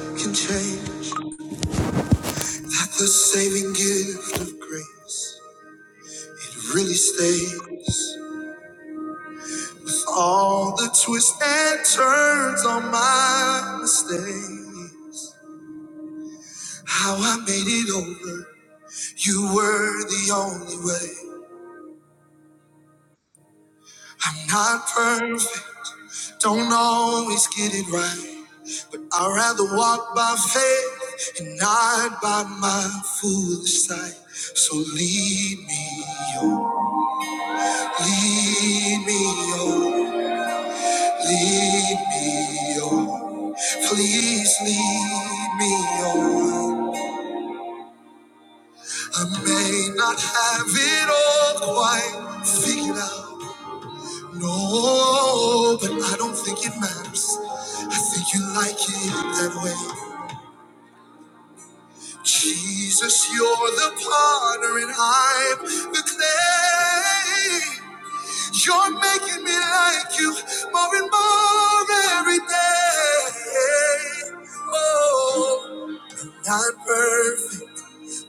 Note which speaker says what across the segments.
Speaker 1: Can change that the saving gift of grace. It really stays with all the twists and turns on my mistakes. How I made it over. You were the only way. I'm not perfect, don't always get it right, but I'd rather walk by faith and not by my foolish sight. So lead me, oh, lead me, oh, lead me, oh, please lead me, oh. I may not have it all quite figured out. No, but I don't think it matters. I think you like it that way. Jesus, you're the potter and I'm the clay. You're making me like you more and more every day. Oh, not perfect.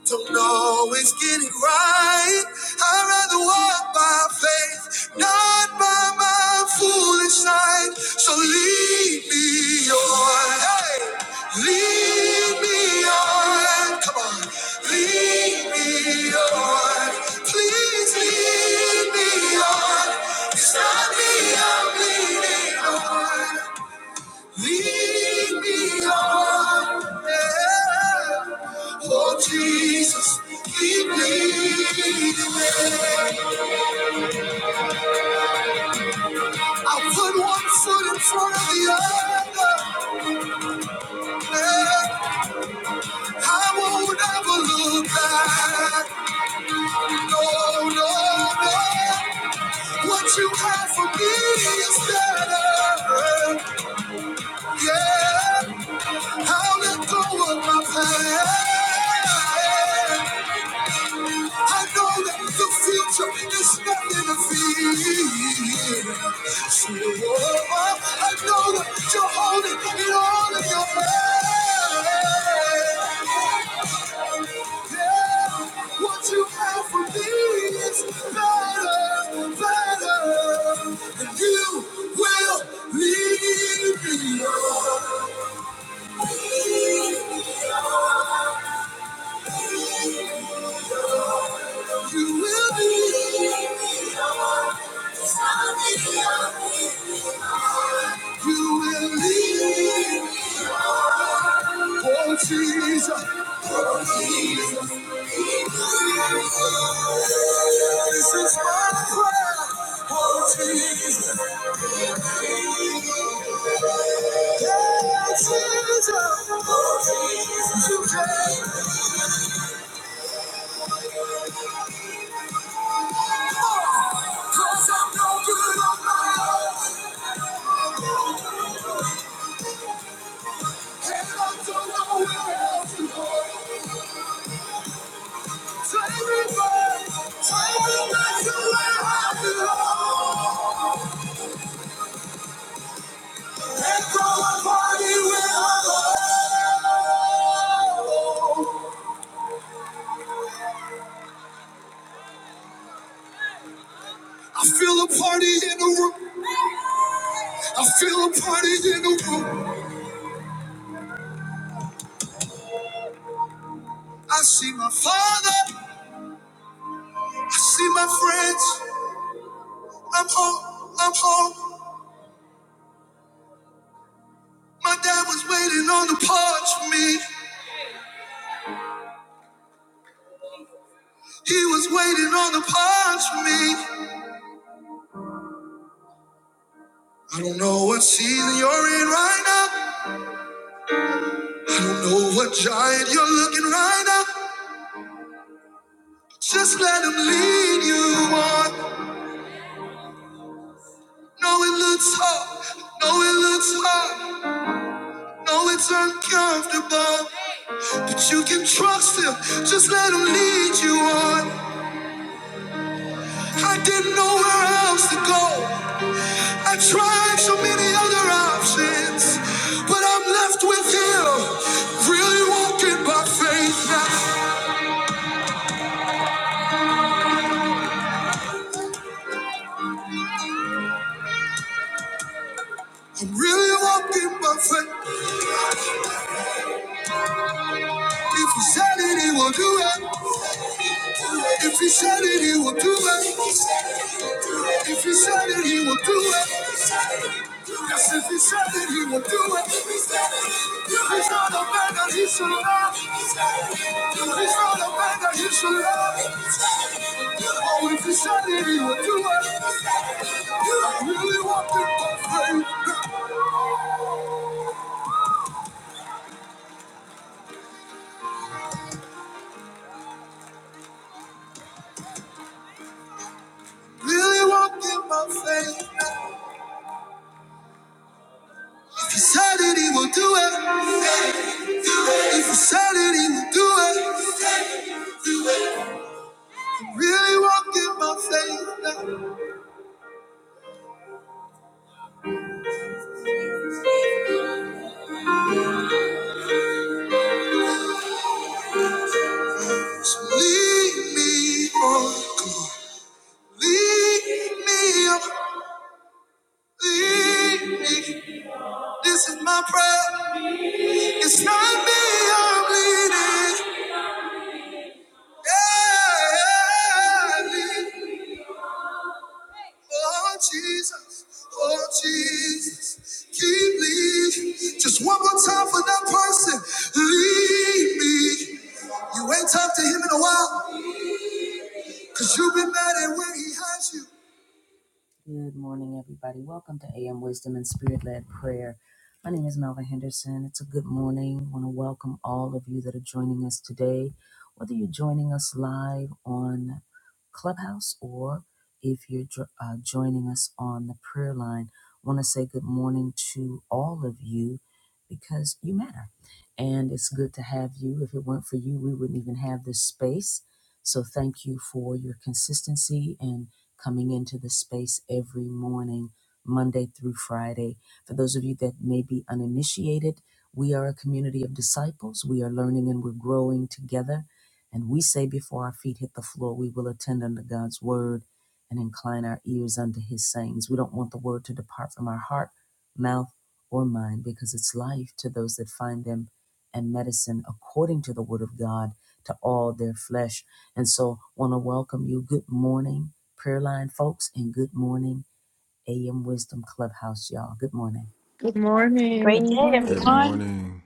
Speaker 1: Don't always get it right. I'd rather walk by faith, not by my foolish sight. So lead me on. Hey, lead me on. Come on. Lead me on. Please lead me on. It's not me I'm leading. Lead me on, yeah. oh Jesus, lead me. I put one foot in front of the other. yeah. I won't ever look back. No, no, no. What you have for me is better. Yeah, I'll let go of my past. I know that the future is nothing to fear. So, oh, I know that you're holding it all in your hand. What you have for me is better, better, and you will leave me. alone. You will be Lord. You will lead, oh Jesus. This is my prayer, oh Jesus. Yeah, Jesus, oh Jesus, you came. oh, Cause I'm no good on my own, and I don't know where else to go. Take me back, take me back to where I belong. I feel a party in the room. I feel a party in the room. I see my father. I see my friends. I'm home. I'm home. My dad was waiting on the porch for me. He was waiting on the porch for me. I don't know what season you're in right now. I don't know what giant you're looking right now. Just let him lead you on. No, it looks hard. No, it looks hard. No, it's uncomfortable, but you can trust him. Just let him lead you on. I didn't know where else to go. I tried so many other options, but I'm left with him. Really walking by faith now. I'm really walking by faith. If he said it, he will do it. If he said it, he will do it. If he said it, he will do it. Yes, if he said it, he will do it. He's not a man that he should love. He's not a man that he should love. Oh, if he said it, he will do it. I really want him by faith. Really want him by faith. If he said it, he will do it. If he said it, he will do it. Really walking my faith now. Lead me on. Lead me on. Lead me. This is my prayer. It's not me I'm leading. Yeah, lead. Oh, Jesus. Oh, Jesus. Keep leading. Just one more time for that person. Lead me. You ain't talked to him in a while. Cause you'll be mad at where he has you.
Speaker 2: Good
Speaker 3: Good
Speaker 4: Great
Speaker 2: morning.
Speaker 4: day,
Speaker 5: Good
Speaker 3: morning.
Speaker 4: everyone.
Speaker 5: morning.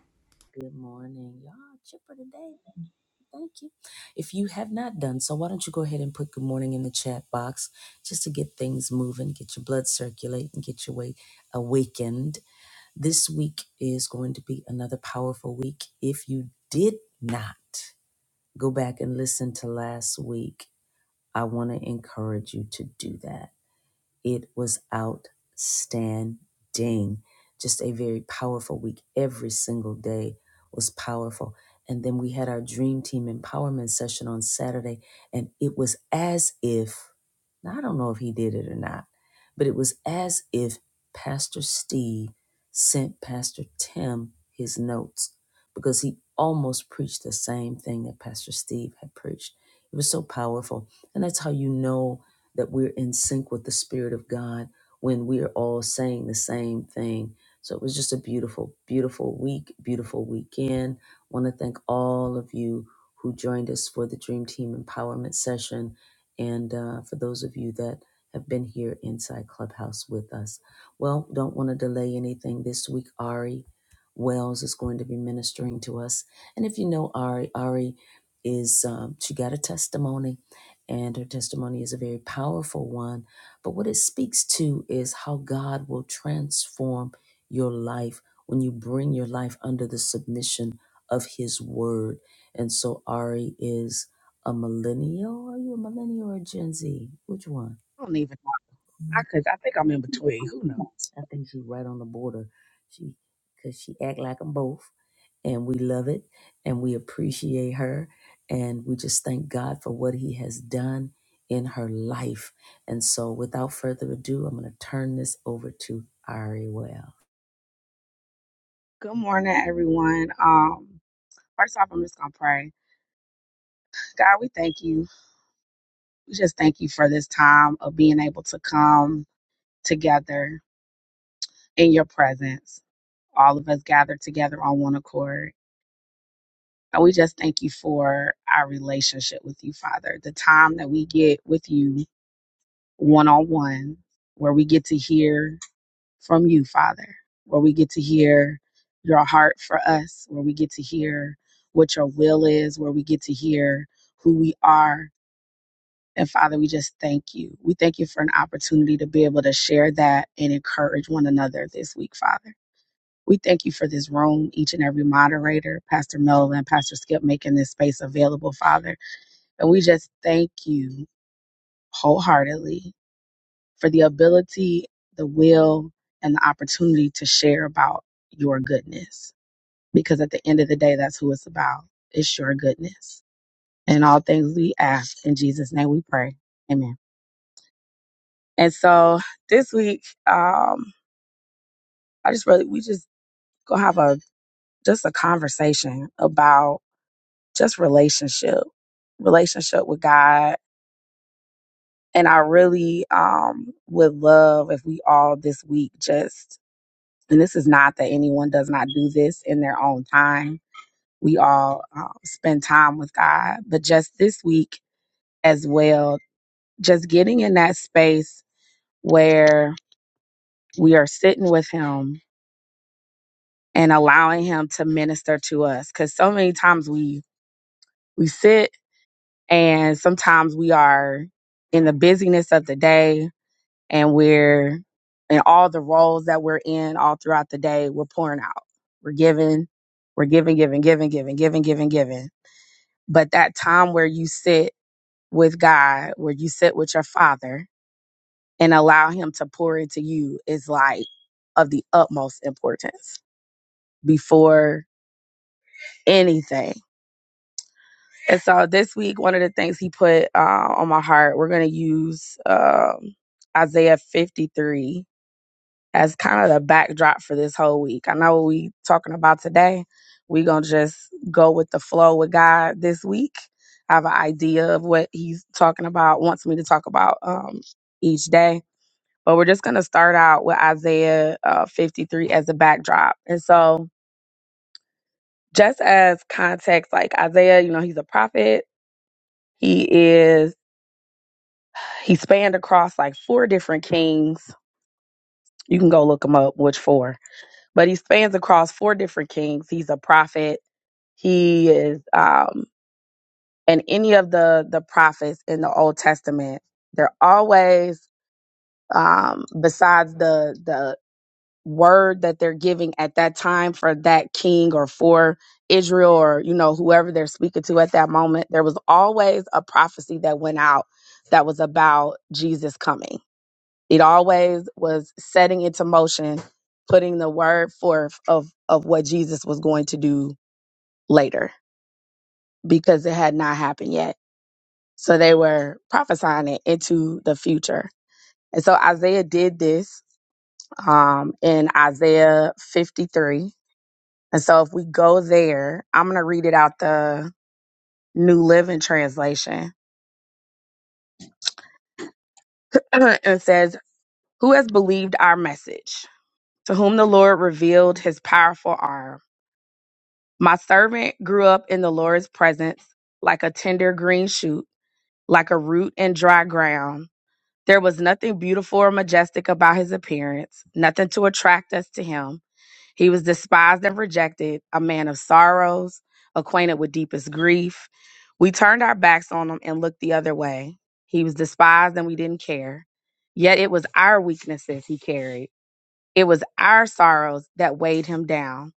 Speaker 6: I don't even know. I could. I think I'm in between. Who knows? Good morning, everyone. Um, first off, I'm just gonna pray. God, we thank you. We just thank you for this time of being able to come together in your presence. All of us gathered together on one accord. And we just thank you for our relationship with you, Father. The time that we get with you one on one, where we get to hear from you, Father, where we get to hear your heart for us, where we get to hear what your will is, where we get to hear who we are. And Father, we just thank you. We thank you for an opportunity to be able to share that and encourage one another this week, Father. We thank you for this room, each and every moderator, Pastor Melvin, Pastor Skip, making this space available, Father. And we just thank you wholeheartedly for the ability, the will, and the opportunity to share about your goodness. Because at the end of the day, that's who it's about. It's your goodness. And all things we ask in Jesus' name we pray. Amen. And so this week, um, I just really we just go have a just a conversation about just relationship, relationship with God. And I really um would love if we all this week just And this is not that anyone does not do this in their own time. We all uh, spend time with God. But just this week as well, just getting in that space where we are sitting with Him and allowing Him to minister to us. Because so many times we, we sit and sometimes we are in the busyness of the day and we're in all the roles that we're in all throughout the day, we're pouring out. We're giving, we're giving, giving, giving, giving, giving, giving, giving. But that time where you sit with God, where you sit with your father and allow him to pour into you is like of the utmost importance before anything. And so this week, one of the things he put uh, on my heart, we're going to use um, Isaiah 53 as kind of the backdrop for this whole week. I know what we talking about today. We gonna just go with the flow with God this week. I have an idea of what he's talking about, wants me to talk about um, each day. But we're just gonna start out with Isaiah uh, 53 as a backdrop. And so just as context, like Isaiah, you know, he's a prophet. He is he spanned across like four different kings. You can go look them up, which four but he spans across four different kings. He's a prophet. He is, um, and any of the the prophets in the Old Testament, they're always, um, besides the the word that they're giving at that time for that king or for Israel or you know whoever they're speaking to at that moment, there was always a prophecy that went out that was about Jesus coming it always was setting into motion, putting the word forth of, of what Jesus was going to do later because it had not happened yet. So they were prophesying it into the future. And so Isaiah did this um, in Isaiah 53. And so if we go there, I'm going to read it out the New Living Translation. it says, Who has believed our message? To whom the Lord revealed his powerful arm. My servant grew up in the Lord's presence like a tender green shoot, like a root in dry ground. There was nothing beautiful or majestic about his appearance, nothing to attract us to him. He was despised and rejected, a man of sorrows, acquainted with deepest grief. We turned our backs on him and looked the other way. He was despised and we didn't care. Yet it was our weaknesses he carried. It was our sorrows that weighed him down.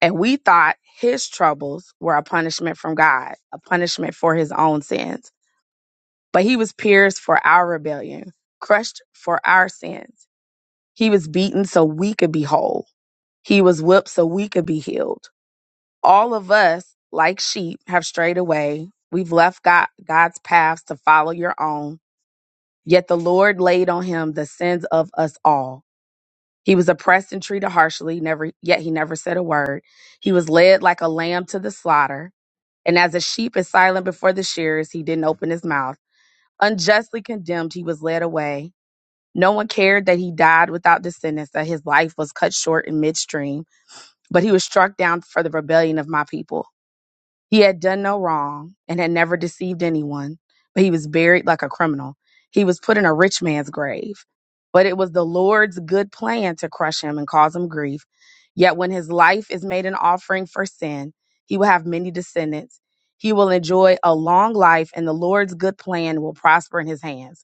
Speaker 6: And we thought his troubles were a punishment from God, a punishment for his own sins. But he was pierced for our rebellion, crushed for our sins. He was beaten so we could be whole. He was whipped so we could be healed. All of us, like sheep, have strayed away. We've left God, God's paths to follow your own. Yet the Lord laid on him the sins of us all. He was oppressed and treated harshly, never yet he never said a word. He was led like a lamb to the slaughter And as a sheep is silent before the shearers, he didn't open his mouth. Unjustly condemned, he was led away. No one cared that he died without descendants, that his life was cut short in midstream, but he was struck down for the rebellion of my people. He had done no wrong and had never deceived anyone, but he was buried like a criminal. He was put in a rich man's grave. But it was the Lord's good plan to crush him and cause him grief. Yet when his life is made an offering for sin, he will have many descendants. He will enjoy a long life, and the Lord's good plan will prosper in his hands.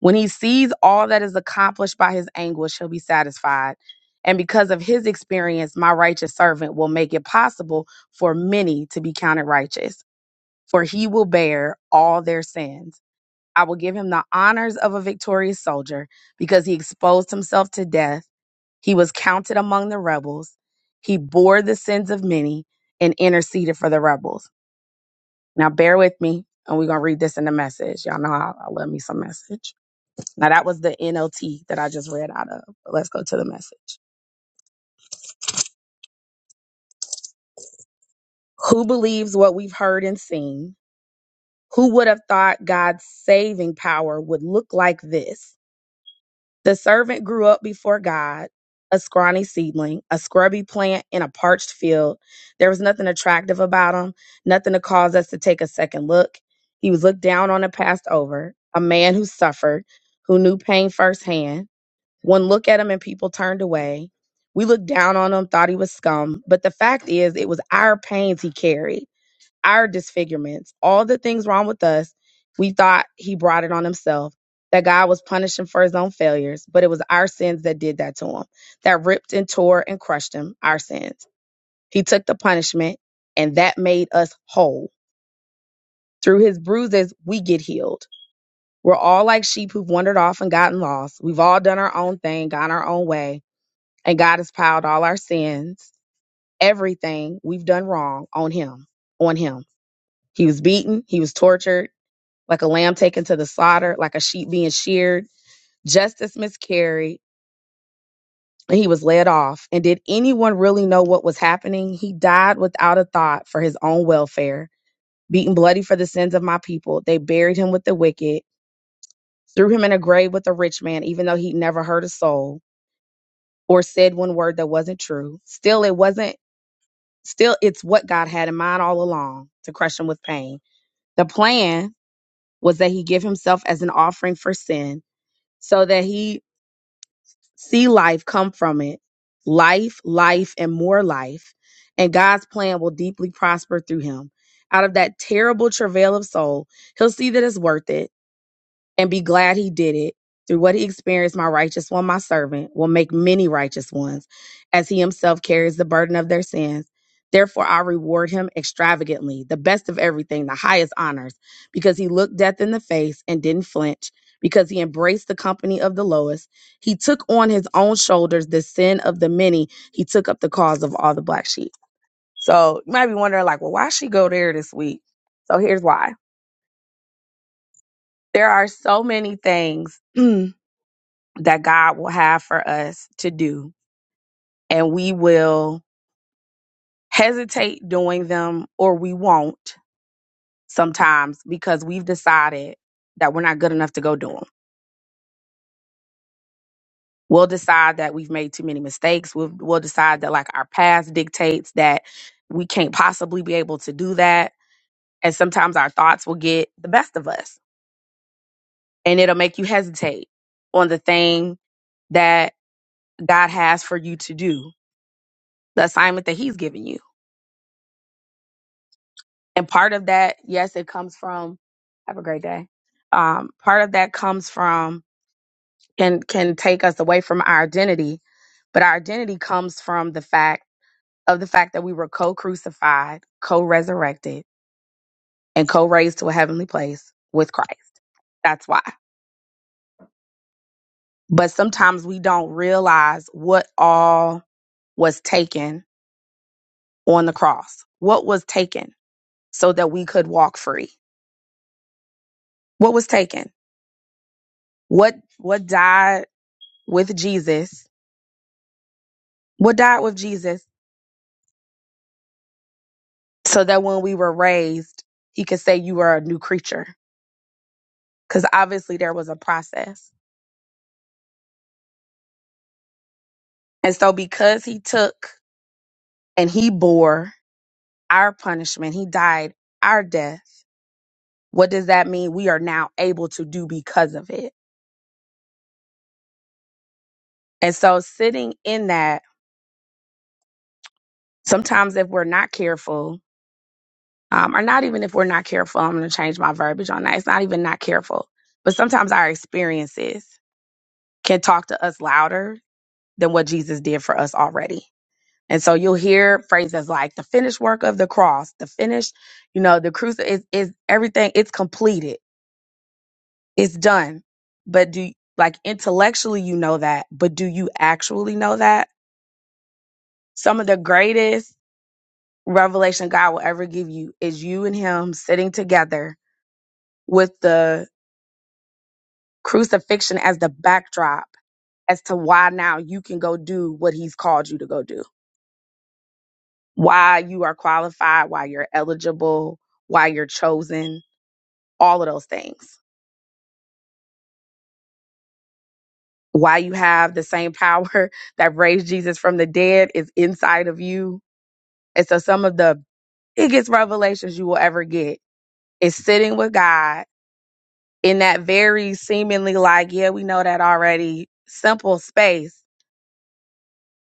Speaker 6: When he sees all that is accomplished by his anguish, he'll be satisfied. And because of his experience, my righteous servant will make it possible for many to be counted righteous, for he will bear all their sins. I will give him the honors of a victorious soldier because he exposed himself to death. He was counted among the rebels. He bore the sins of many and interceded for the rebels. Now, bear with me, and we're going to read this in the message. Y'all know I, I love me some message. Now, that was the NLT that I just read out of. But let's go to the message. Who believes what we've heard and seen? Who would have thought God's saving power would look like this? The servant grew up before God, a scrawny seedling, a scrubby plant in a parched field. There was nothing attractive about him, nothing to cause us to take a second look. He was looked down on and passed over, a man who suffered, who knew pain firsthand One look at him and people turned away. We looked down on him, thought he was scum. But the fact is, it was our pains he carried, our disfigurements, all the things wrong with us. We thought he brought it on himself, that God was punishing for his own failures, but it was our sins that did that to him, that ripped and tore and crushed him, our sins. He took the punishment, and that made us whole. Through his bruises, we get healed. We're all like sheep who've wandered off and gotten lost. We've all done our own thing, gone our own way and God has piled all our sins, everything we've done wrong on him, on him. He was beaten, he was tortured, like a lamb taken to the slaughter, like a sheep being sheared. Justice miscarried, and he was led off. And did anyone really know what was happening? He died without a thought for his own welfare, beaten bloody for the sins of my people. They buried him with the wicked, threw him in a grave with a rich man, even though he'd never hurt a soul or said one word that wasn't true. Still, it wasn't Still, it's what God had in mind all along to crush him with pain. The plan was that he give himself as an offering for sin so that he see life come from it. Life, life, and more life. And God's plan will deeply prosper through him. Out of that terrible travail of soul, he'll see that it's worth it and be glad he did it. Through what he experienced, my righteous one, my servant, will make many righteous ones, as he himself carries the burden of their sins. Therefore, I reward him extravagantly, the best of everything, the highest honors, because he looked death in the face and didn't flinch, because he embraced the company of the lowest. He took on his own shoulders the sin of the many. He took up the cause of all the black sheep. So you might be wondering, like, well, why she go there this week? So here's why. There are so many things that God will have for us to do. And we will hesitate doing them or we won't sometimes because we've decided that we're not good enough to go do them. We'll decide that we've made too many mistakes. We'll, we'll decide that like our past dictates that we can't possibly be able to do that. And sometimes our thoughts will get the best of us and it'll make you hesitate on the thing that God has for you to do, the assignment that He's given you And part of that, yes, it comes from have a great day. Um, part of that comes from can can take us away from our identity, but our identity comes from the fact of the fact that we were co-crucified, co-resurrected, and co-raised to a heavenly place with Christ. That's why. But sometimes we don't realize what all was taken on the cross. What was taken so that we could walk free? What was taken? What what died with Jesus What died with Jesus so that when we were raised, he could say you are a new creature. Because obviously there was a process. And so because he took and he bore our punishment, he died our death. What does that mean? We are now able to do because of it. And so sitting in that, sometimes if we're not careful, um, or not even if we're not careful, I'm going to change my verbiage on that. It's not even not careful, but sometimes our experiences can talk to us louder than what Jesus did for us already. And so you'll hear phrases like the finished work of the cross, the finished, you know, the cruci is is everything, it's completed, it's done. But do like intellectually you know that, but do you actually know that? Some of the greatest revelation God will ever give you is you and him sitting together with the crucifixion as the backdrop as to why now you can go do what he's called you to go do why you are qualified, why you're eligible, why you're chosen, all of those things. Why you have the same power that raised Jesus from the dead is inside of you. And so some of the biggest revelations you will ever get is sitting with God in that very seemingly like, yeah, we know that already, simple space,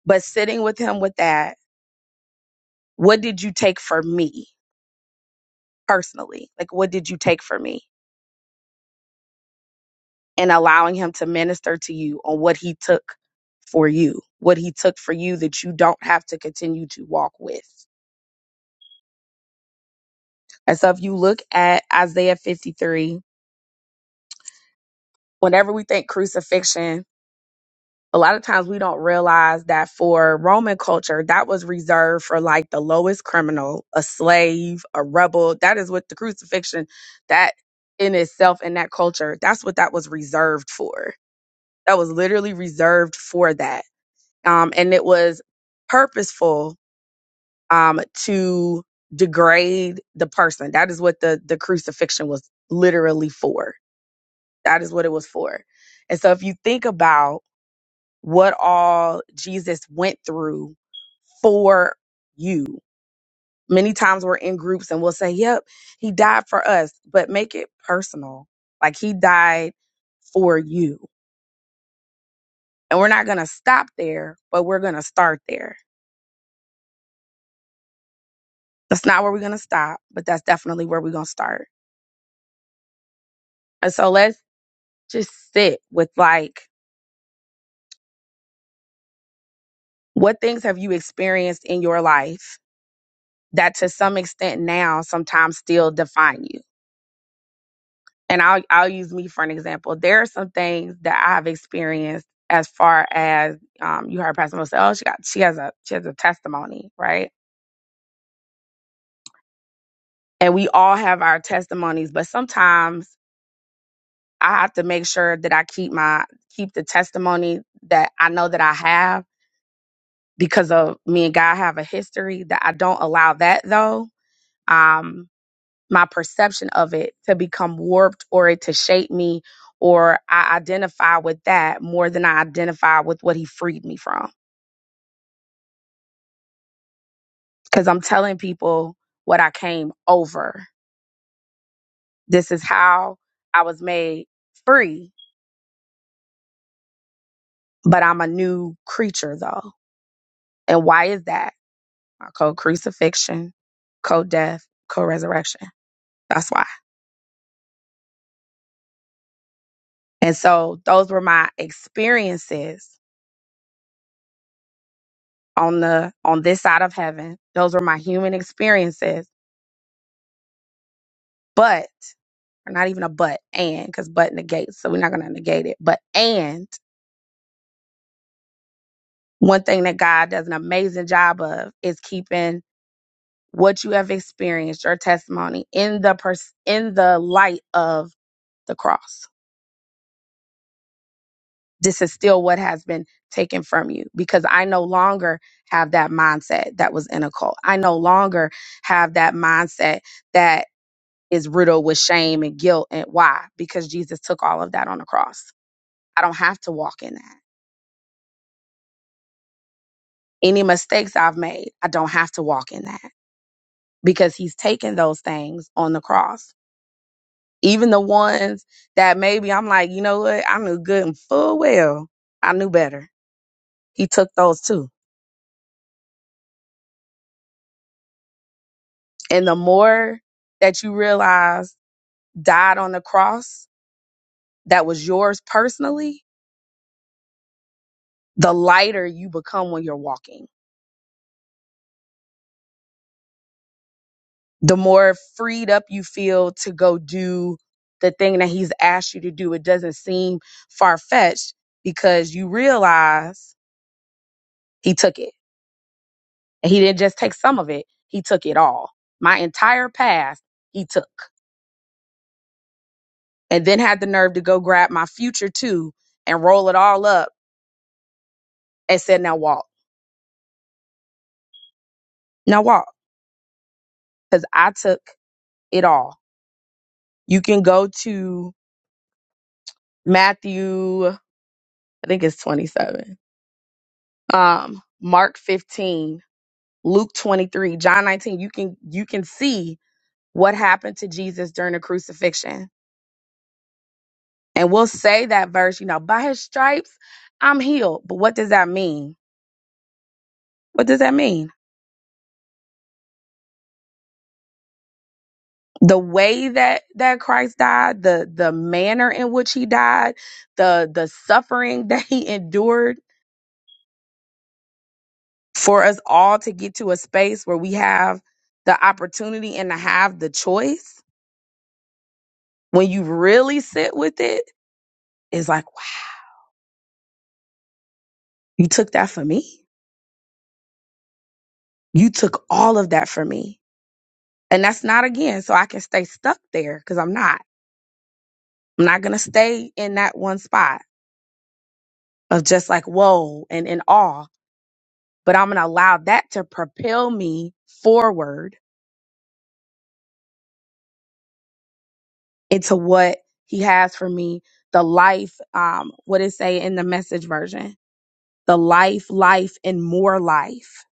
Speaker 6: but sitting with him with that, what did you take for me personally? Like what did you take for me? and allowing him to minister to you on what he took for you, what he took for you that you don't have to continue to walk with. And so if you look at Isaiah 53, whenever we think crucifixion, a lot of times we don't realize that for Roman culture, that was reserved for like the lowest criminal, a slave, a rebel. That is what the crucifixion, that in itself, in that culture, that's what that was reserved for. That was literally reserved for that um, and it was purposeful um, to degrade the person. That is what the the crucifixion was literally for. That is what it was for. And so, if you think about what all Jesus went through for you, many times we're in groups and we'll say, "Yep, he died for us," but make it personal. Like he died for you. And we're not going to stop there, but we're going to start there That's not where we're going to stop, but that's definitely where we're going to start. And so let's just sit with like, what things have you experienced in your life that to some extent now sometimes still define you? And I'll, I'll use me for an example. There are some things that I have experienced as far as, um, you heard Pastor Mo say, oh, she got, she has a, she has a testimony, right? And we all have our testimonies, but sometimes I have to make sure that I keep my, keep the testimony that I know that I have because of me and God have a history that I don't allow that though. Um, my perception of it to become warped or it to shape me or I identify with that more than I identify with what he freed me from. Cause I'm telling people what I came over. This is how I was made free, but I'm a new creature though. And why is that? I code crucifixion, code death, co resurrection. That's why. And so those were my experiences on the on this side of heaven. Those were my human experiences. But or not even a but and because but negates, so we're not gonna negate it. But and one thing that God does an amazing job of is keeping what you have experienced, your testimony, in the pers- in the light of the cross this is still what has been taken from you because I no longer have that mindset that was in a cult. I no longer have that mindset that is riddled with shame and guilt. And why? Because Jesus took all of that on the cross. I don't have to walk in that. Any mistakes I've made, I don't have to walk in that because he's taken those things on the cross. Even the ones that maybe I'm like, you know what? I knew good and full well. I knew better. He took those too And the more that you realize died on the cross that was yours personally, the lighter you become when you're walking. The more freed up you feel to go do the thing that he's asked you to do. It doesn't seem far fetched because you realize he took it. And he didn't just take some of it, he took it all. My entire past, he took. And then had the nerve to go grab my future too and roll it all up and said, now walk. Now walk because I took it all. You can go to Matthew, I think it's 27, um, Mark 15, Luke 23, John 19. You can you can see what happened to Jesus during the crucifixion. And we'll say that verse, you know, by his stripes, I'm healed. But what does that mean? What does that mean? The way that that Christ died, the the manner in which he died, the the suffering that he endured for us all to get to a space where we have the opportunity and to have the choice when you really sit with it, it is like wow you took that for me you took all of that for me and that's not again so i can stay stuck there because i'm not i'm not gonna stay in that one spot of just like whoa and in awe but i'm gonna allow that to propel me forward into what he has for me the life um what it say in the message version the life, life, and more life.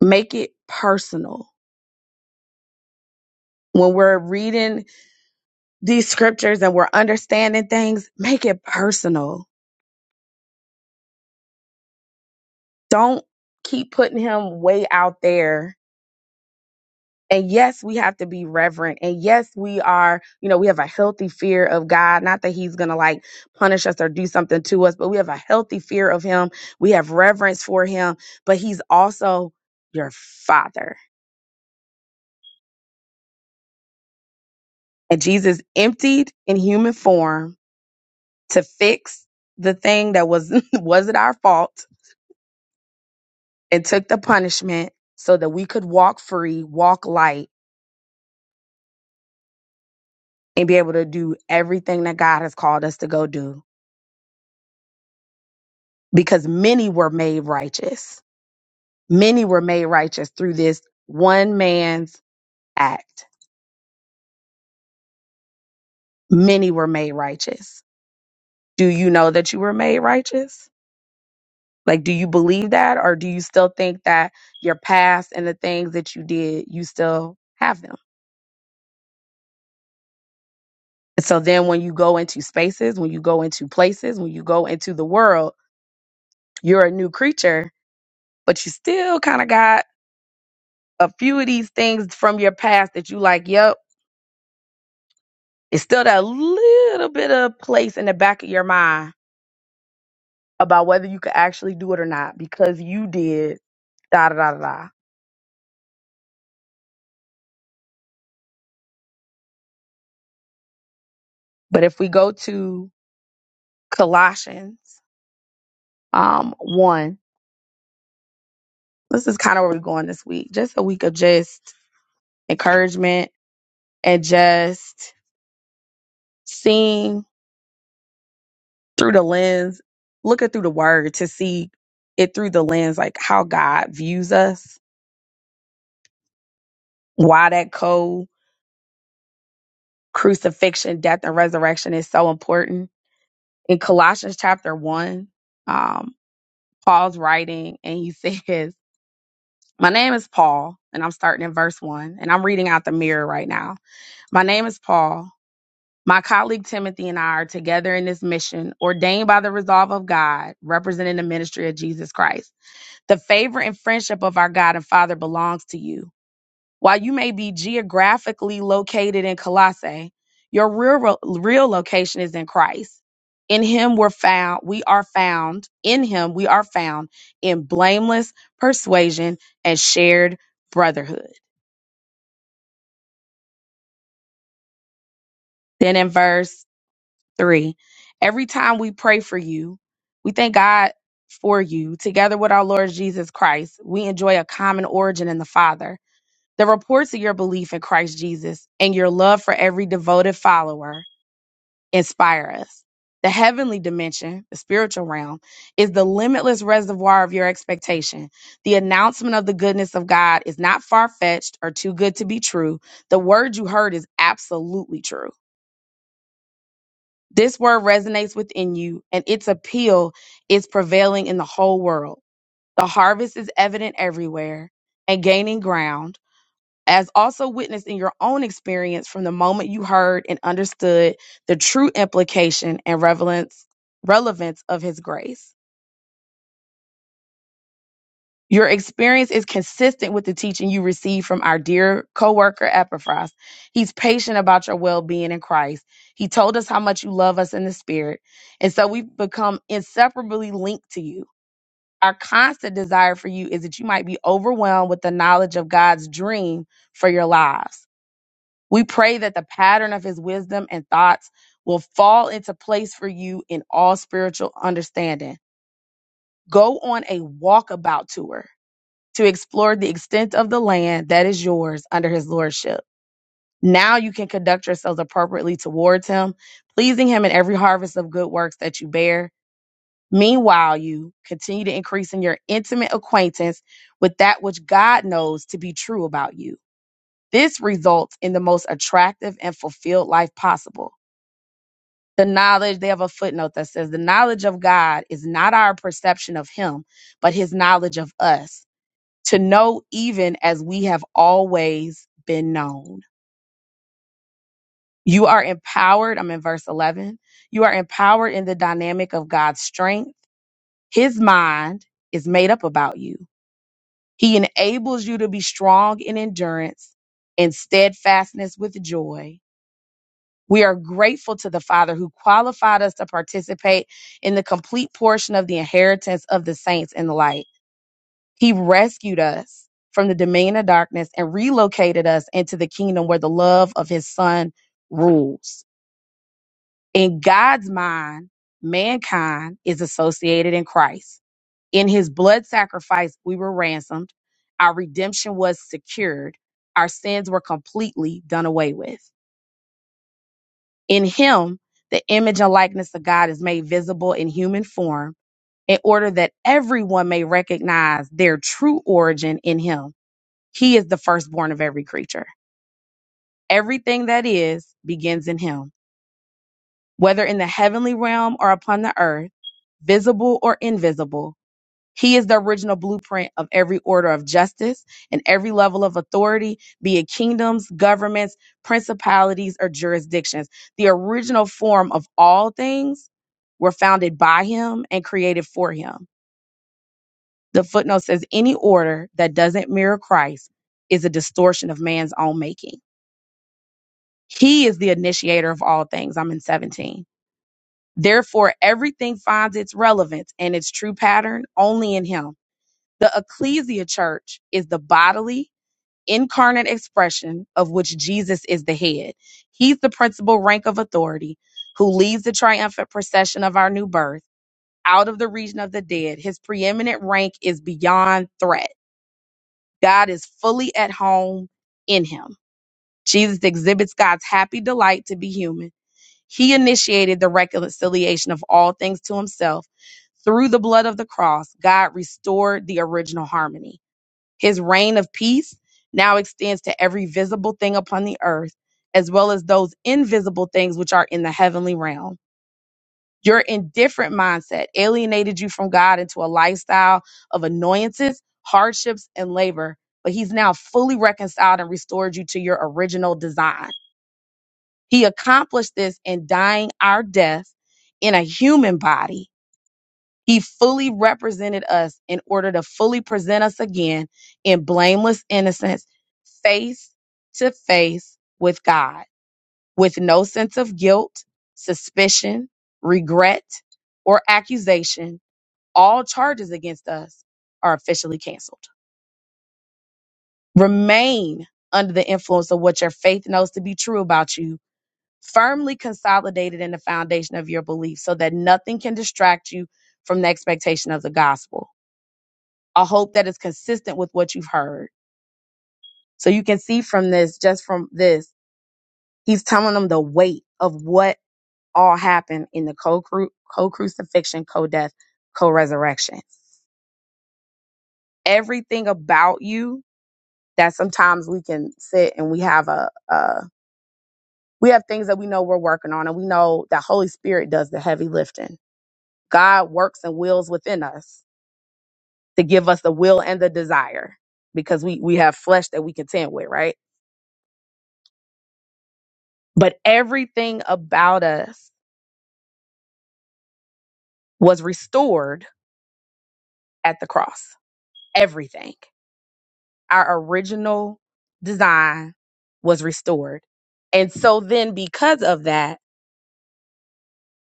Speaker 6: Make it personal. When we're reading these scriptures and we're understanding things, make it personal. Don't keep putting him way out there. And yes, we have to be reverent. And yes, we are, you know, we have a healthy fear of God. Not that he's going to like punish us or do something to us, but we have a healthy fear of him. We have reverence for him, but he's also your father. And Jesus emptied in human form to fix the thing that was wasn't our fault and took the punishment so that we could walk free, walk light, and be able to do everything that God has called us to go do. Because many were made righteous. Many were made righteous through this one man's act. Many were made righteous. Do you know that you were made righteous? Like, do you believe that? Or do you still think that your past and the things that you did, you still have them? And so then when you go into spaces, when you go into places, when you go into the world, you're a new creature, but you still kind of got a few of these things from your past that you like, yep, it's still that little bit of place in the back of your mind about whether you could actually do it or not because you did da da da da. da. But if we go to Colossians um one, this is kind of where we're going this week. Just a week of just encouragement and just seeing through the lens, looking through the word to see it through the lens, like how God views us, why that co crucifixion, death, and resurrection is so important. In Colossians chapter one, um, Paul's writing and he says, My name is Paul, and I'm starting in verse one, and I'm reading out the mirror right now. My name is Paul. My colleague Timothy and I are together in this mission ordained by the resolve of God, representing the ministry of Jesus Christ. The favor and friendship of our God and Father belongs to you. While you may be geographically located in Colossae, your real, real location is in Christ. In him we're found, we are found, in him we are found in blameless persuasion and shared brotherhood. Then in verse three, every time we pray for you, we thank God for you. Together with our Lord Jesus Christ, we enjoy a common origin in the Father The reports of your belief in Christ Jesus and your love for every devoted follower inspire us. The heavenly dimension, the spiritual realm, is the limitless reservoir of your expectation. The announcement of the goodness of God is not far fetched or too good to be true. The word you heard is absolutely true. This word resonates within you, and its appeal is prevailing in the whole world. The harvest is evident everywhere and gaining ground as also witnessed in your own experience from the moment you heard and understood the true implication and relevance, relevance of His grace. Your experience is consistent with the teaching you received from our dear coworker Epaphras. He's patient about your well-being in Christ. He told us how much you love us in the Spirit, and so we've become inseparably linked to you. Our constant desire for you is that you might be overwhelmed with the knowledge of God's dream for your lives. We pray that the pattern of his wisdom and thoughts will fall into place for you in all spiritual understanding. Go on a walkabout tour to explore the extent of the land that is yours under his lordship. Now you can conduct yourselves appropriately towards him, pleasing him in every harvest of good works that you bear. Meanwhile, you continue to increase in your intimate acquaintance with that which God knows to be true about you. This results in the most attractive and fulfilled life possible the knowledge they have a footnote that says the knowledge of god is not our perception of him but his knowledge of us to know even as we have always been known you are empowered i'm in verse 11 you are empowered in the dynamic of god's strength his mind is made up about you he enables you to be strong in endurance and steadfastness with joy We are grateful to the Father who qualified us to participate in the complete portion of the inheritance of the saints in the light. He rescued us from the domain of darkness and relocated us into the kingdom where the love of his son rules. In God's mind, mankind is associated in Christ. In his blood sacrifice, we were ransomed. Our redemption was secured. Our sins were completely done away with. In him, the image and likeness of God is made visible in human form in order that everyone may recognize their true origin in him. He is the firstborn of every creature. Everything that is begins in him, whether in the heavenly realm or upon the earth, visible or invisible. He is the original blueprint of every order of justice and every level of authority, be it kingdoms, governments, principalities, or jurisdictions. The original form of all things were founded by him and created for him. The footnote says any order that doesn't mirror Christ is a distortion of man's own making. He is the initiator of all things. I'm in 17. Therefore, everything finds its relevance and its true pattern only in him The ecclesia church is the bodily, incarnate expression of which Jesus is the head. He's the principal rank of authority who leads the triumphant procession of our new birth out of the region of the dead. His preeminent rank is beyond threat. God is fully at home in him. Jesus exhibits God's happy delight to be human. He initiated the reconciliation of all things to himself. Through the blood of the cross, God restored the original harmony. His reign of peace now extends to every visible thing upon the earth, as well as those invisible things which are in the heavenly realm. Your indifferent mindset alienated you from God into a lifestyle of annoyances, hardships, and labor, but He's now fully reconciled and restored you to your original design. He accomplished this in dying our death in a human body he fully represented us in order to fully present us again in blameless innocence, face to face with God, with no sense of guilt, suspicion, regret, or accusation. All charges against us are officially canceled. Remain under the influence of what your faith knows to be true about you, firmly consolidated in the foundation of your belief so that nothing can distract you from the expectation of the gospel a hope that is consistent with what you've heard. So you can see from this, just from this, he's telling them the weight of what all happened in the co crucifixion, co death, co resurrection. Everything about you that sometimes we can sit and we have a, a we have things that we know we're working on and we know that Holy Spirit does the heavy lifting. God works and wills within us to give us the will and the desire because we we have flesh that we contend with, right? But everything about us was restored at the cross. Everything. Our original design was restored. And so then, because of that,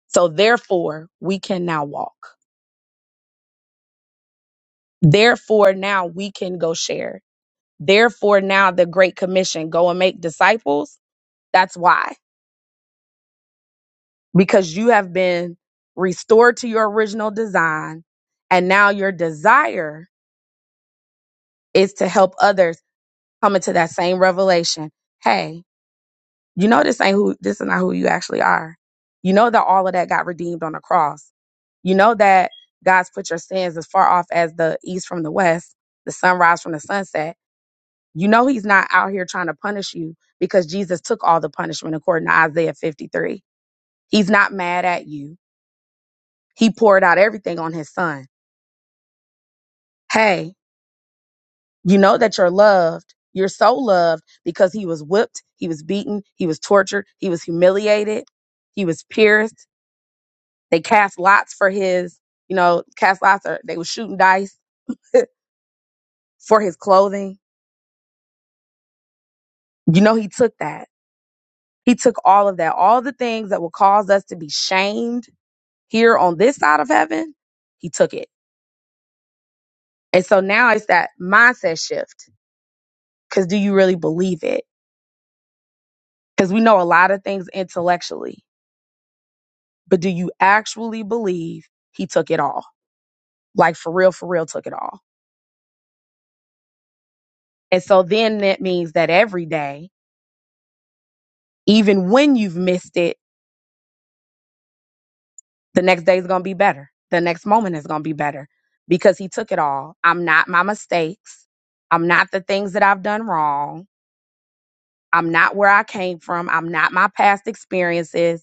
Speaker 6: so therefore, we can now walk. Therefore, now we can go share. Therefore, now the Great Commission go and make disciples. That's why, because you have been restored to your original design. And now your desire is to help others coming to that same revelation. Hey, you know this ain't who this is not who you actually are. You know that all of that got redeemed on the cross. You know that God's put your sins as far off as the east from the west, the sunrise from the sunset. You know he's not out here trying to punish you because Jesus took all the punishment according to Isaiah 53. He's not mad at you. He poured out everything on his son. Hey, You know that you're loved. You're so loved because he was whipped, he was beaten, he was tortured, he was humiliated, he was pierced. They cast lots for his, you know, cast lots or they were shooting dice for his clothing. You know, he took that. He took all of that, all the things that will cause us to be shamed here on this side of heaven. He took it. And so now it's that mindset shift. Cause do you really believe it? Cause we know a lot of things intellectually but do you actually believe he took it all? Like for real, for real, took it all. And so then that means that every day, even when you've missed it, the next day is going to be better. The next moment is going to be better because he took it all. I'm not my mistakes. I'm not the things that I've done wrong. I'm not where I came from. I'm not my past experiences.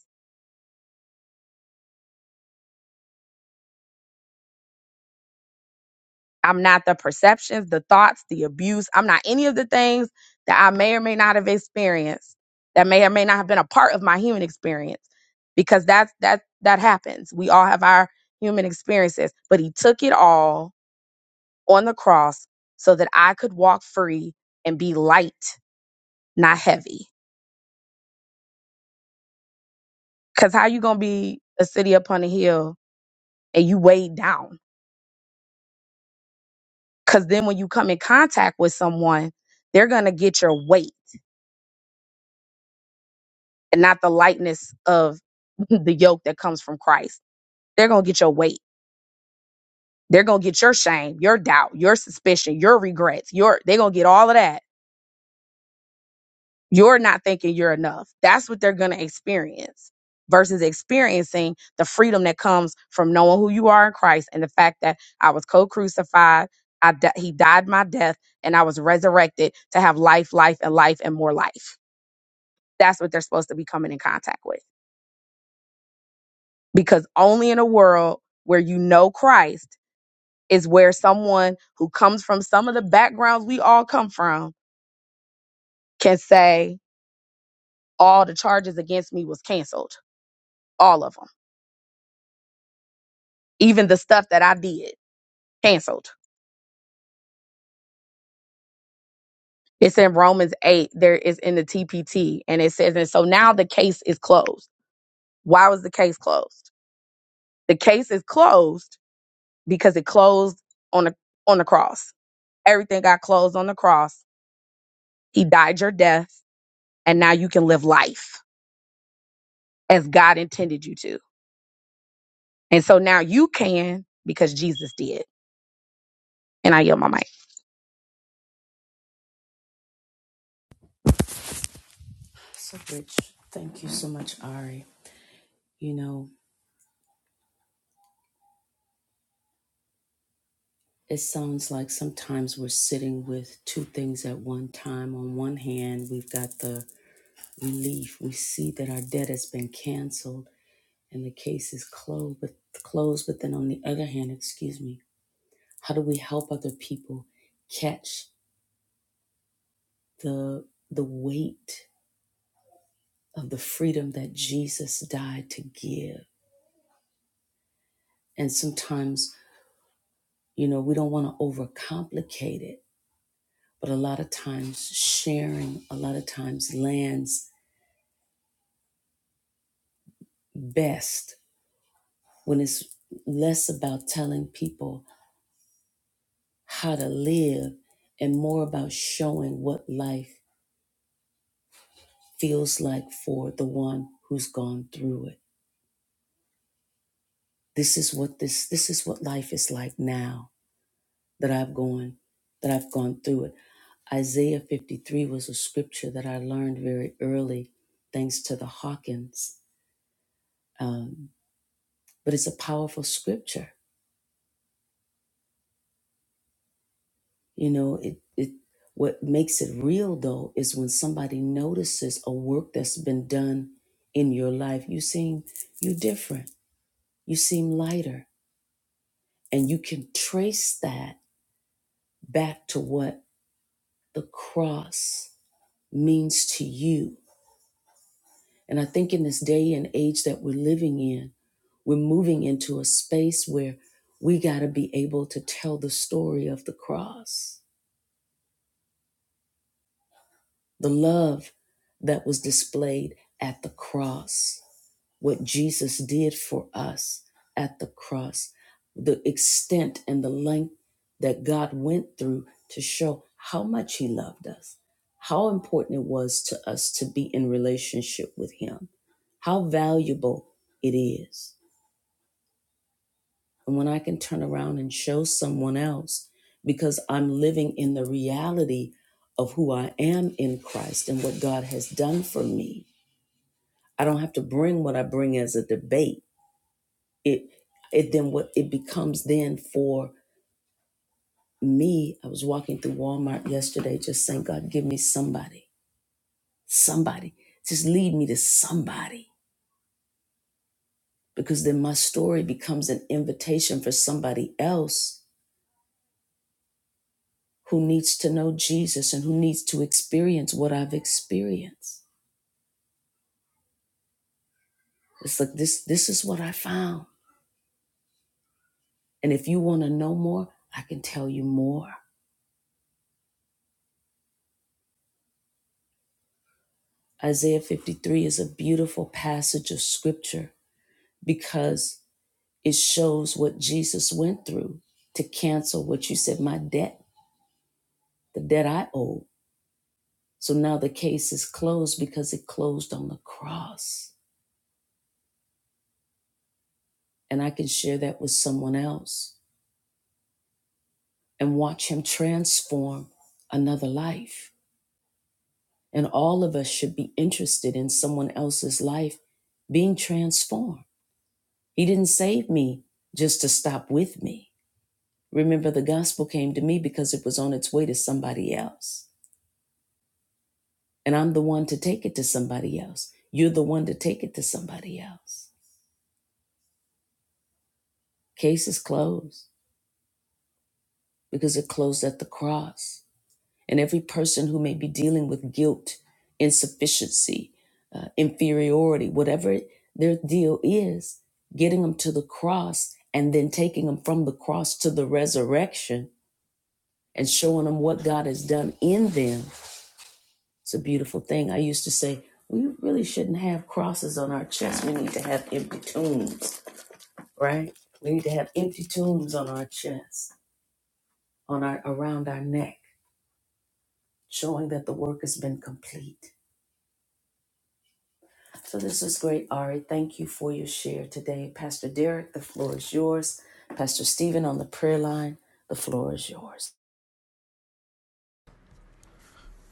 Speaker 6: I'm not the perceptions, the thoughts, the abuse. I'm not any of the things that I may or may not have experienced that may or may not have been a part of my human experience because that's that that happens. We all have our human experiences, but he took it all on the cross so that I could walk free and be light, not heavy. Cuz how you going to be a city upon a hill and you weighed down? Cuz then when you come in contact with someone, they're going to get your weight and not the lightness of the yoke that comes from Christ. They're gonna get your weight. They're gonna get your shame, your doubt, your suspicion, your regrets. Your they're gonna get all of that. You're not thinking you're enough. That's what they're gonna experience versus experiencing the freedom that comes from knowing who you are in Christ and the fact that I was co-crucified. I di- he died my death and I was resurrected to have life, life, and life and more life. That's what they're supposed to be coming in contact with. because only in a world where you know Christ is where someone who comes from some of the backgrounds we all come from can say all the charges against me was canceled, all of them, even the stuff that I did, canceled. It's in Romans 8, there is in the TPT, and it says, and so now the case is closed. Why was the case closed? The case is closed because it closed on the on the cross. Everything got closed on the cross. He died your death, and now you can live life as God intended you to. And so now you can because Jesus did. And I yield my mic.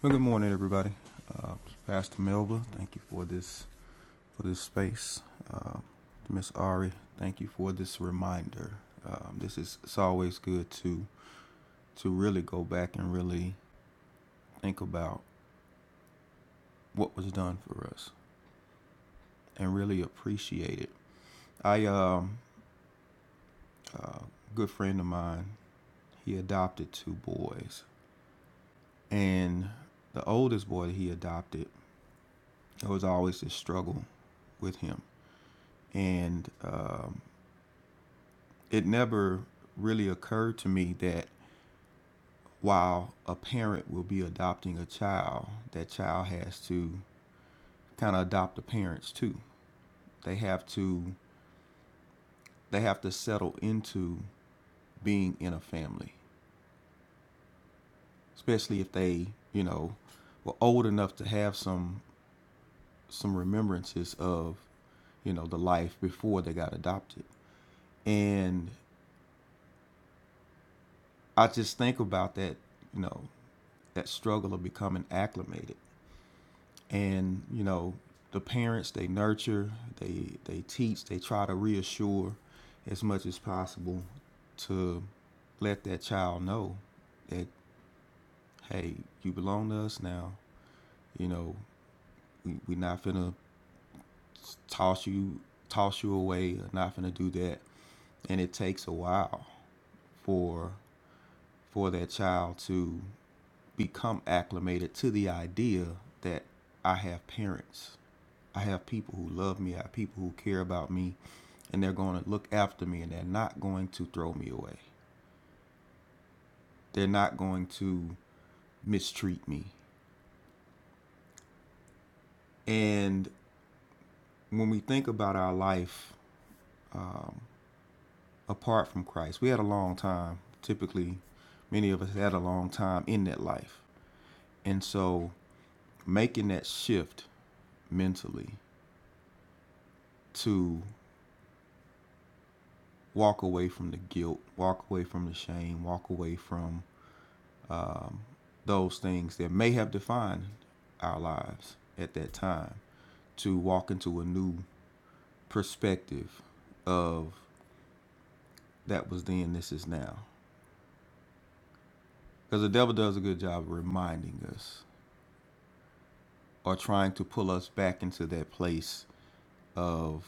Speaker 5: Well, good morning, everybody. Uh, Pastor Melba, thank you for this for this space. Uh, Miss Ari, thank you for this reminder. Um, this is it's always good to to really go back and really think about what was done for us and really appreciate it. I um, uh, a good friend of mine, he adopted two boys, and the oldest boy that he adopted, there was always this struggle with him And um, it never really occurred to me that while a parent will be adopting a child, that child has to kind of adopt the parents too. They have to they have to settle into being in a family, especially if they, you know, were old enough to have some some remembrances of, you know, the life before they got adopted. And I just think about that, you know, that struggle of becoming acclimated and you know the parents they nurture they they teach they try to reassure as much as possible to let that child know that hey you belong to us now you know we, we're not gonna toss you toss you away or not gonna do that and it takes a while for for that child to become acclimated to the idea that i have parents I have people who love me. I have people who care about me, and they're going to look after me, and they're not going to throw me away. They're not going to mistreat me. And when we think about our life um, apart from Christ, we had a long time. Typically, many of us had a long time in that life, and so making that shift mentally to walk away from the guilt, walk away from the shame, walk away from um, those things that may have defined our lives at that time to walk into a new perspective of that was then, this is now. Because the devil does a good job of reminding us or trying to pull us back into that place of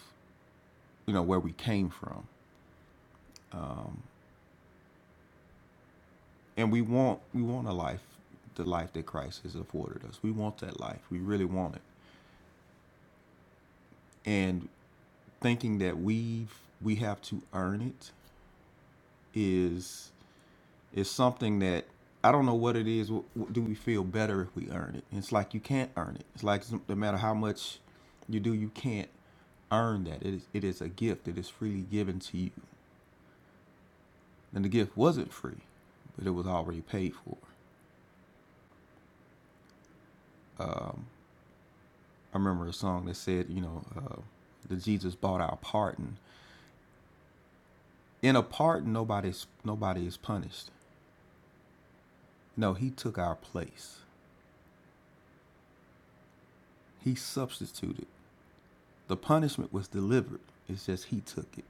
Speaker 5: you know where we came from, um, and we want we want a life, the life that Christ has afforded us. We want that life. We really want it. And thinking that we have we have to earn it is is something that I don't know what it is. W- w- Do we feel better if we earn it? It's like you can't earn it. It's like no matter how much you do, you can't earn that. It is, it is a gift that is freely given to you. And the gift wasn't free, but it was already paid for. Um, I remember a song that said, you know, uh, that Jesus bought our pardon. In a pardon, nobody's nobody is punished. No, he took our place. He substituted. The punishment was delivered. It's just he took it.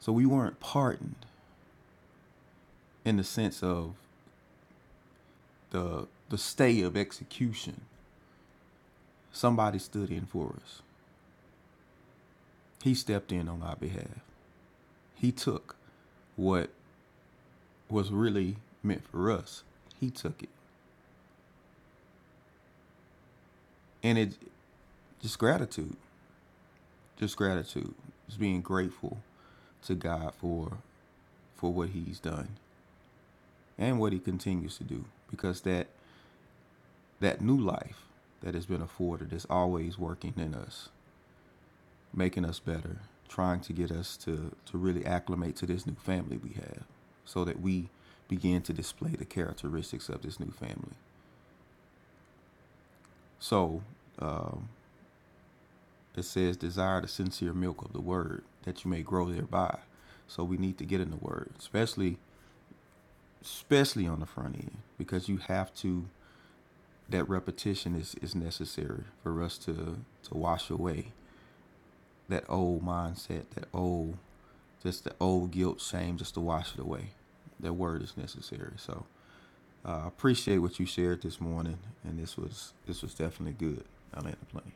Speaker 5: So we weren't pardoned in the sense of the the stay of execution. Somebody stood in for us. He stepped in on our behalf. He took what was really meant for us. He took it. And it just gratitude. Just gratitude. Just being grateful to God for for what he's done and what he continues to do because that that new life that has been afforded is always working in us making us better, trying to get us to, to really acclimate to this new family we have so that we begin to display the characteristics of this new family. So um, it says, desire the sincere milk of the word that you may grow thereby. So we need to get in the word, especially especially on the front end, because you have to that repetition is, is necessary for us to to wash away that old mindset, that old just the old guilt, shame, just to wash it away. That word is necessary. So I uh, appreciate what you shared this morning, and this was this was definitely good. I land the plane.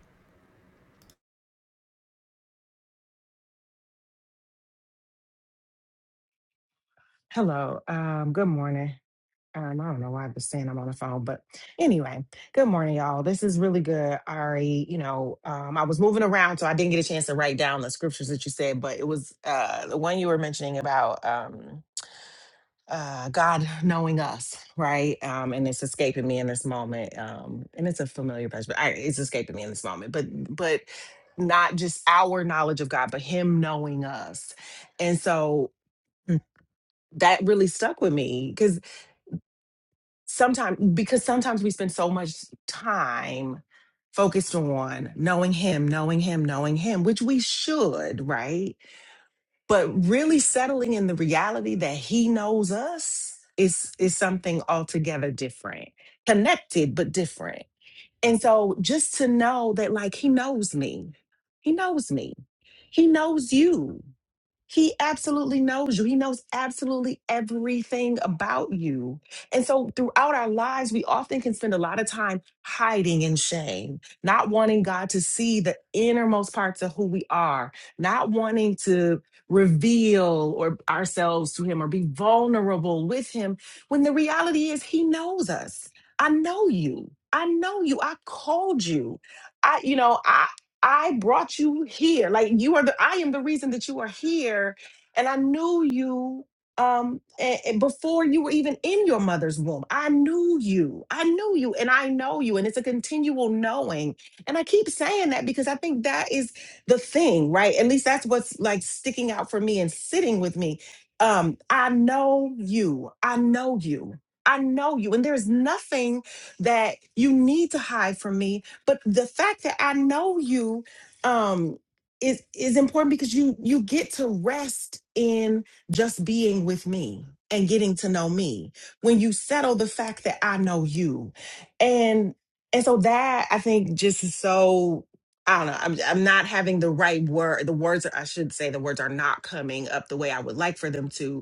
Speaker 7: Hello. Um, good morning. Um, I don't know why I was saying I'm on the phone, but anyway, good morning, y'all. This is really good, Ari. You know, um, I was moving around, so I didn't get a chance to write down the scriptures that you said, but it was uh, the one you were mentioning about um, uh, God knowing us, right? Um, and it's escaping me in this moment. Um, and it's a familiar passage, but I, it's escaping me in this moment. But, but not just our knowledge of God, but Him knowing us. And so mm, that really stuck with me sometimes because sometimes we spend so much time focused on knowing him knowing him knowing him which we should right but really settling in the reality that he knows us is is something altogether different connected but different and so just to know that like he knows me he knows me he knows you he absolutely knows you. He knows absolutely everything about you. And so throughout our lives, we often can spend a lot of time hiding in shame, not wanting God to see the innermost parts of who we are, not wanting to reveal or ourselves to him or be vulnerable with him when the reality is he knows us. I know you. I know you. I called you. I, you know, I. I brought you here. Like you are the I am the reason that you are here. And I knew you um a- a- before you were even in your mother's womb. I knew you. I knew you and I know you. And it's a continual knowing. And I keep saying that because I think that is the thing, right? At least that's what's like sticking out for me and sitting with me. Um, I know you. I know you. I know you. And there's nothing that you need to hide from me but the fact that I know you um is is important because you you get to rest in just being with me and getting to know me when you settle the fact that I know you and and so that I think just is so I don't know. I'm I'm not having the right word. The words I should say the words are not coming up the way I would like for them to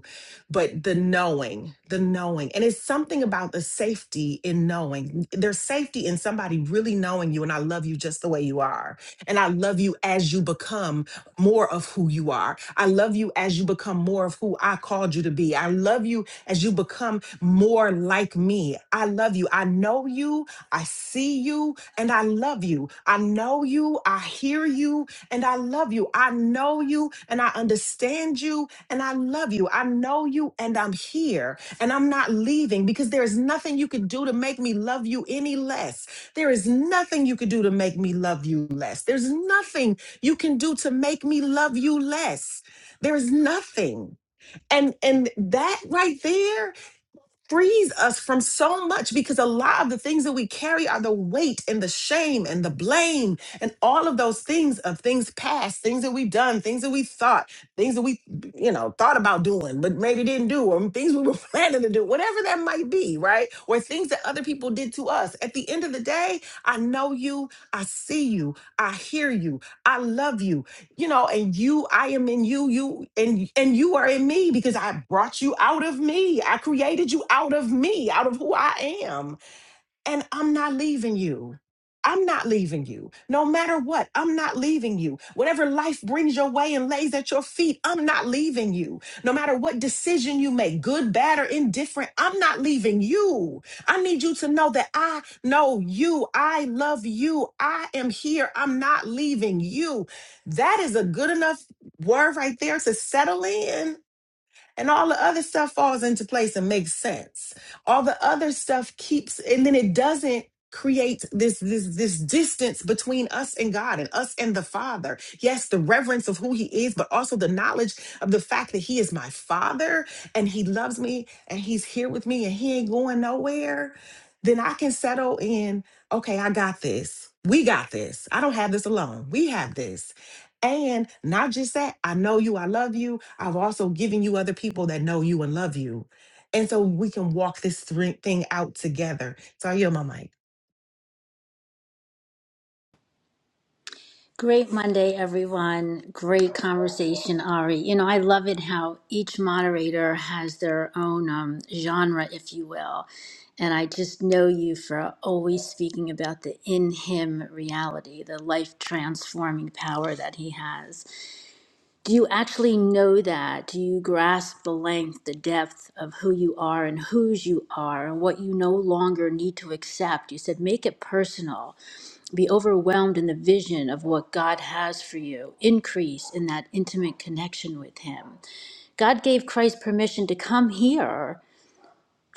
Speaker 7: but the knowing, the knowing. And it's something about the safety in knowing. There's safety in somebody really knowing you and I love you just the way you are. And I love you as you become more of who you are. I love you as you become more of who I called you to be. I love you as you become more like me. I love you. I know you. I see you and I love you. I know you. I hear you and I love you. I know you and I understand you and I love you. I know you and I'm here and I'm not leaving because there is nothing you could do to make me love you any less. There is nothing you could do to make me love you less. There's nothing you can do to make me love you less. There is nothing. And and that right there frees us from so much because a lot of the things that we carry are the weight and the shame and the blame and all of those things of things past, things that we've done, things that we thought, things that we, you know, thought about doing, but maybe didn't do, or things we were planning to do, whatever that might be, right? Or things that other people did to us. At the end of the day, I know you, I see you, I hear you, I love you you know and you i am in you you and and you are in me because i brought you out of me i created you out of me out of who i am and I'm not leaving you. I'm not leaving you. No matter what, I'm not leaving you. Whatever life brings your way and lays at your feet, I'm not leaving you. No matter what decision you make, good, bad, or indifferent, I'm not leaving you. I need you to know that I know you. I love you. I am here. I'm not leaving you. That is a good enough word right there to settle in and all the other stuff falls into place and makes sense all the other stuff keeps and then it doesn't create this this this distance between us and God and us and the Father. Yes, the reverence of who he is, but also the knowledge of the fact that he is my father and he loves me and he's here with me and he ain't going nowhere. Then I can settle in, okay, I got this. We got this. I don't have this alone. We have this and not just that, I know you, I love you. I've also given you other people that know you and love you. And so we can walk this thre- thing out together. So I yield my mic.
Speaker 4: Great Monday, everyone. Great conversation, Ari. You know, I love it how each moderator has their own um, genre, if you will. And I just know you for always speaking about the in him reality, the life transforming power that he has. do you actually know that? Do you grasp the length, the depth of who you are and whose you are and what you no longer need to accept? You said, make it personal. Be overwhelmed in the vision of what God has for you. Increase in that intimate connection with Him. God gave Christ permission to come here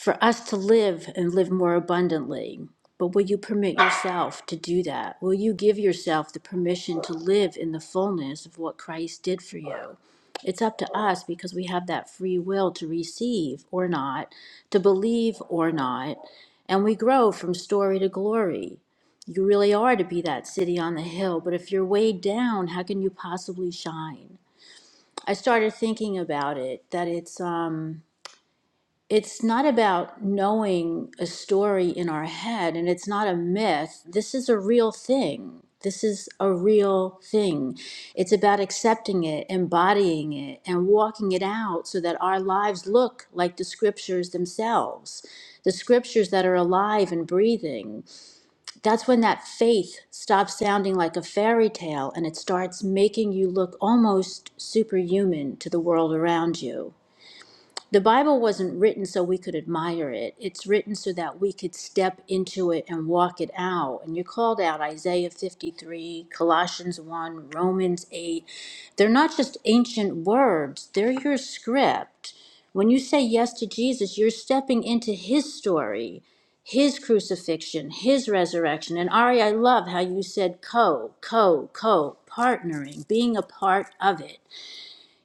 Speaker 4: for us to live and live more abundantly. But will you permit yourself to do that? Will you give yourself the permission to live in the fullness of what Christ did for you? It's up to us because we have that free will to receive or not, to believe or not, and we grow from story to glory. You really are to be that city on the hill, but if you're weighed down, how can you possibly shine? I started thinking about it that it's um it's not about knowing a story in our head and it's not a myth. This is a real thing. This is a real thing. It's about accepting it, embodying it, and walking it out so that our lives look like the scriptures themselves, the scriptures that are alive and breathing. That's when that faith stops sounding like a fairy tale and it starts making you look almost superhuman to the world around you. The Bible wasn't written so we could admire it. It's written so that we could step into it and walk it out. And you called out Isaiah 53, Colossians 1, Romans 8. They're not just ancient words, they're your script. When you say yes to Jesus, you're stepping into his story, his crucifixion, his resurrection. And Ari, I love how you said co, co, co, partnering, being a part of it.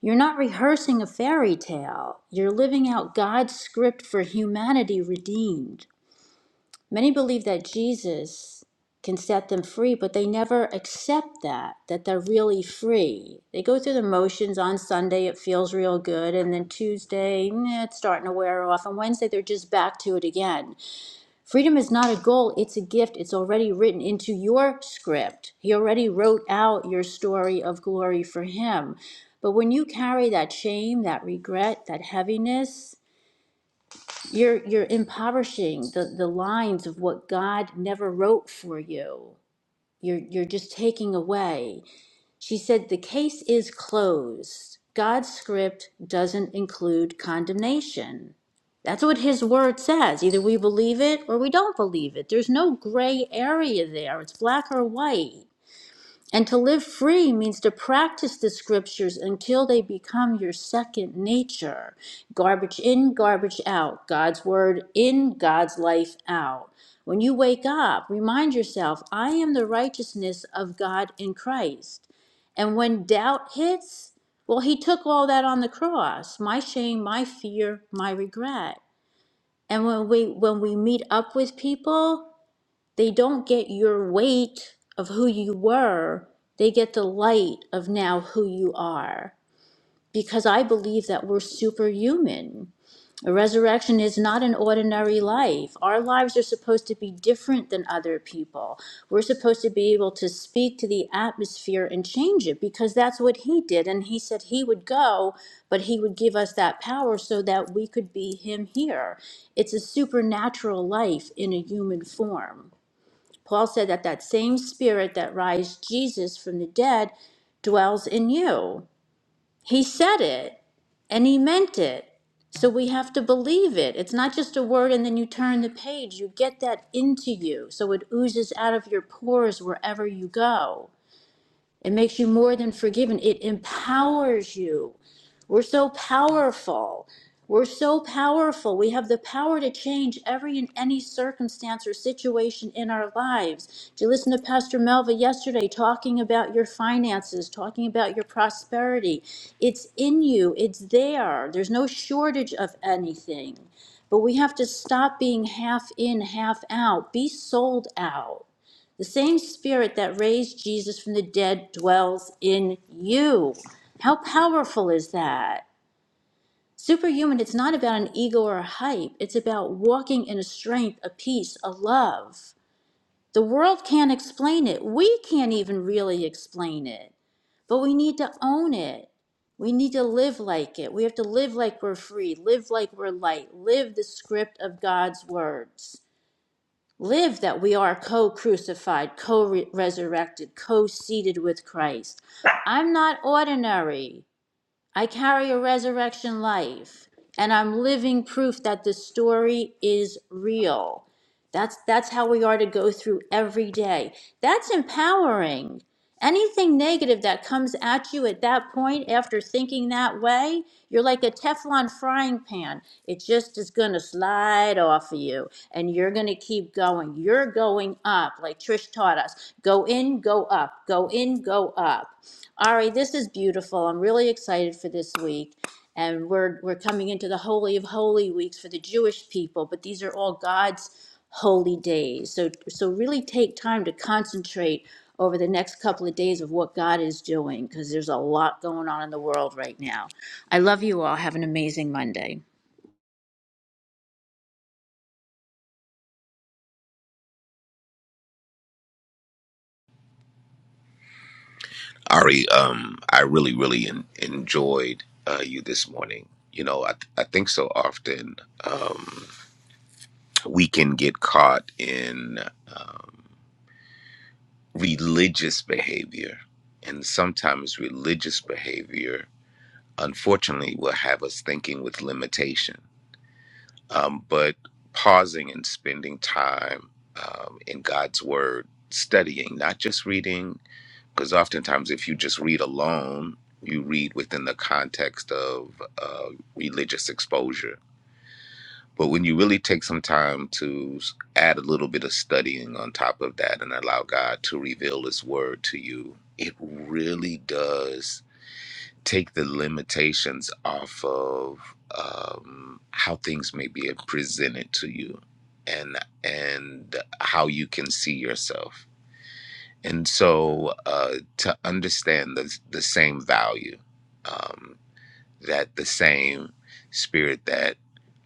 Speaker 4: You're not rehearsing a fairy tale. You're living out God's script for humanity redeemed. Many believe that Jesus can set them free, but they never accept that, that they're really free. They go through the motions on Sunday, it feels real good, and then Tuesday, eh, it's starting to wear off, and Wednesday, they're just back to it again. Freedom is not a goal, it's a gift. It's already written into your script. He already wrote out your story of glory for Him. But when you carry that shame, that regret, that heaviness, you're, you're impoverishing the, the lines of what God never wrote for you. You're, you're just taking away. She said the case is closed. God's script doesn't include condemnation. That's what his word says. Either we believe it or we don't believe it. There's no gray area there. It's black or white. And to live free means to practice the scriptures until they become your second nature. Garbage in, garbage out. God's word in, God's life out. When you wake up, remind yourself, I am the righteousness of God in Christ. And when doubt hits, well, he took all that on the cross my shame, my fear, my regret. And when we, when we meet up with people, they don't get your weight of who you were, they get the light of now who you are. Because I believe that we're superhuman. A resurrection is not an ordinary life. Our lives are supposed to be different than other people. We're supposed to be able to speak to the atmosphere and change it because that's what he did. And he said he would go, but he would give us that power so that we could be him here. It's a supernatural life in a human form. Paul said that that same spirit that raised Jesus from the dead dwells in you. He said it and he meant it. So we have to believe it. It's not just a word and then you turn the page. You get that into you. So it oozes out of your pores wherever you go. It makes you more than forgiven. It empowers you. We're so powerful. We're so powerful. We have the power to change every and any circumstance or situation in our lives. Did you listen to Pastor Melva yesterday talking about your finances, talking about your prosperity? It's in you, it's there. There's no shortage of anything. But we have to stop being half in, half out. Be sold out. The same spirit that raised Jesus from the dead dwells in you. How powerful is that? Superhuman, it's not about an ego or a hype. It's about walking in a strength, a peace, a love. The world can't explain it. We can't even really explain it. But we need to own it. We need to live like it. We have to live like we're free, live like we're light, live the script of God's words. Live that we are co crucified, co resurrected, co seated with Christ. I'm not ordinary. I carry a resurrection life, and I'm living proof that the story is real. That's that's how we are to go through every day. That's empowering. Anything negative that comes at you at that point after thinking that way, you're like a Teflon frying pan. It just is going to slide off of you and you're going to keep going. You're going up like Trish taught us. Go in, go up. Go in, go up. All right, this is beautiful. I'm really excited for this week. And we're we're coming into the holy of holy weeks for the Jewish people, but these are all God's holy days. So so really take time to concentrate over the next couple of days of what God is doing because there's a lot going on in the world right now. I love you all. Have an amazing Monday.
Speaker 8: Ari, um, I really, really en- enjoyed uh, you this morning. You know, I, th- I think so often um, we can get caught in um, religious behavior. And sometimes religious behavior, unfortunately, will have us thinking with limitation. Um, but pausing and spending time um, in God's Word, studying, not just reading, because oftentimes if you just read alone you read within the context of uh, religious exposure but when you really take some time to s- add a little bit of studying on top of that and allow god to reveal his word to you it really does take the limitations off of um, how things may be presented to you and and how you can see yourself and so uh, to understand the the same value, um, that the same spirit that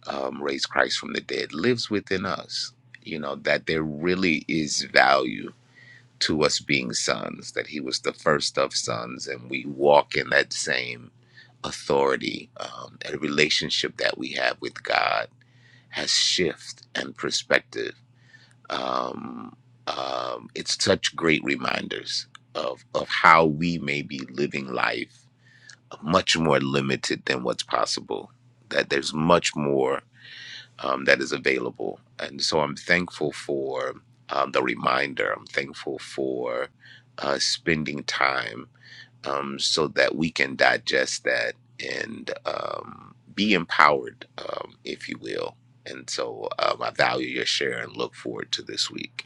Speaker 8: um, raised Christ from the dead lives within us. You know that there really is value to us being sons. That He was the first of sons, and we walk in that same authority. Um, a relationship that we have with God has shift and perspective um, um, it's such great reminders of of how we may be living life much more limited than what's possible. That there's much more um, that is available, and so I'm thankful for um, the reminder. I'm thankful for uh, spending time um, so that we can digest that and um, be empowered, um, if you will. And so um, I value your share and look forward to this week.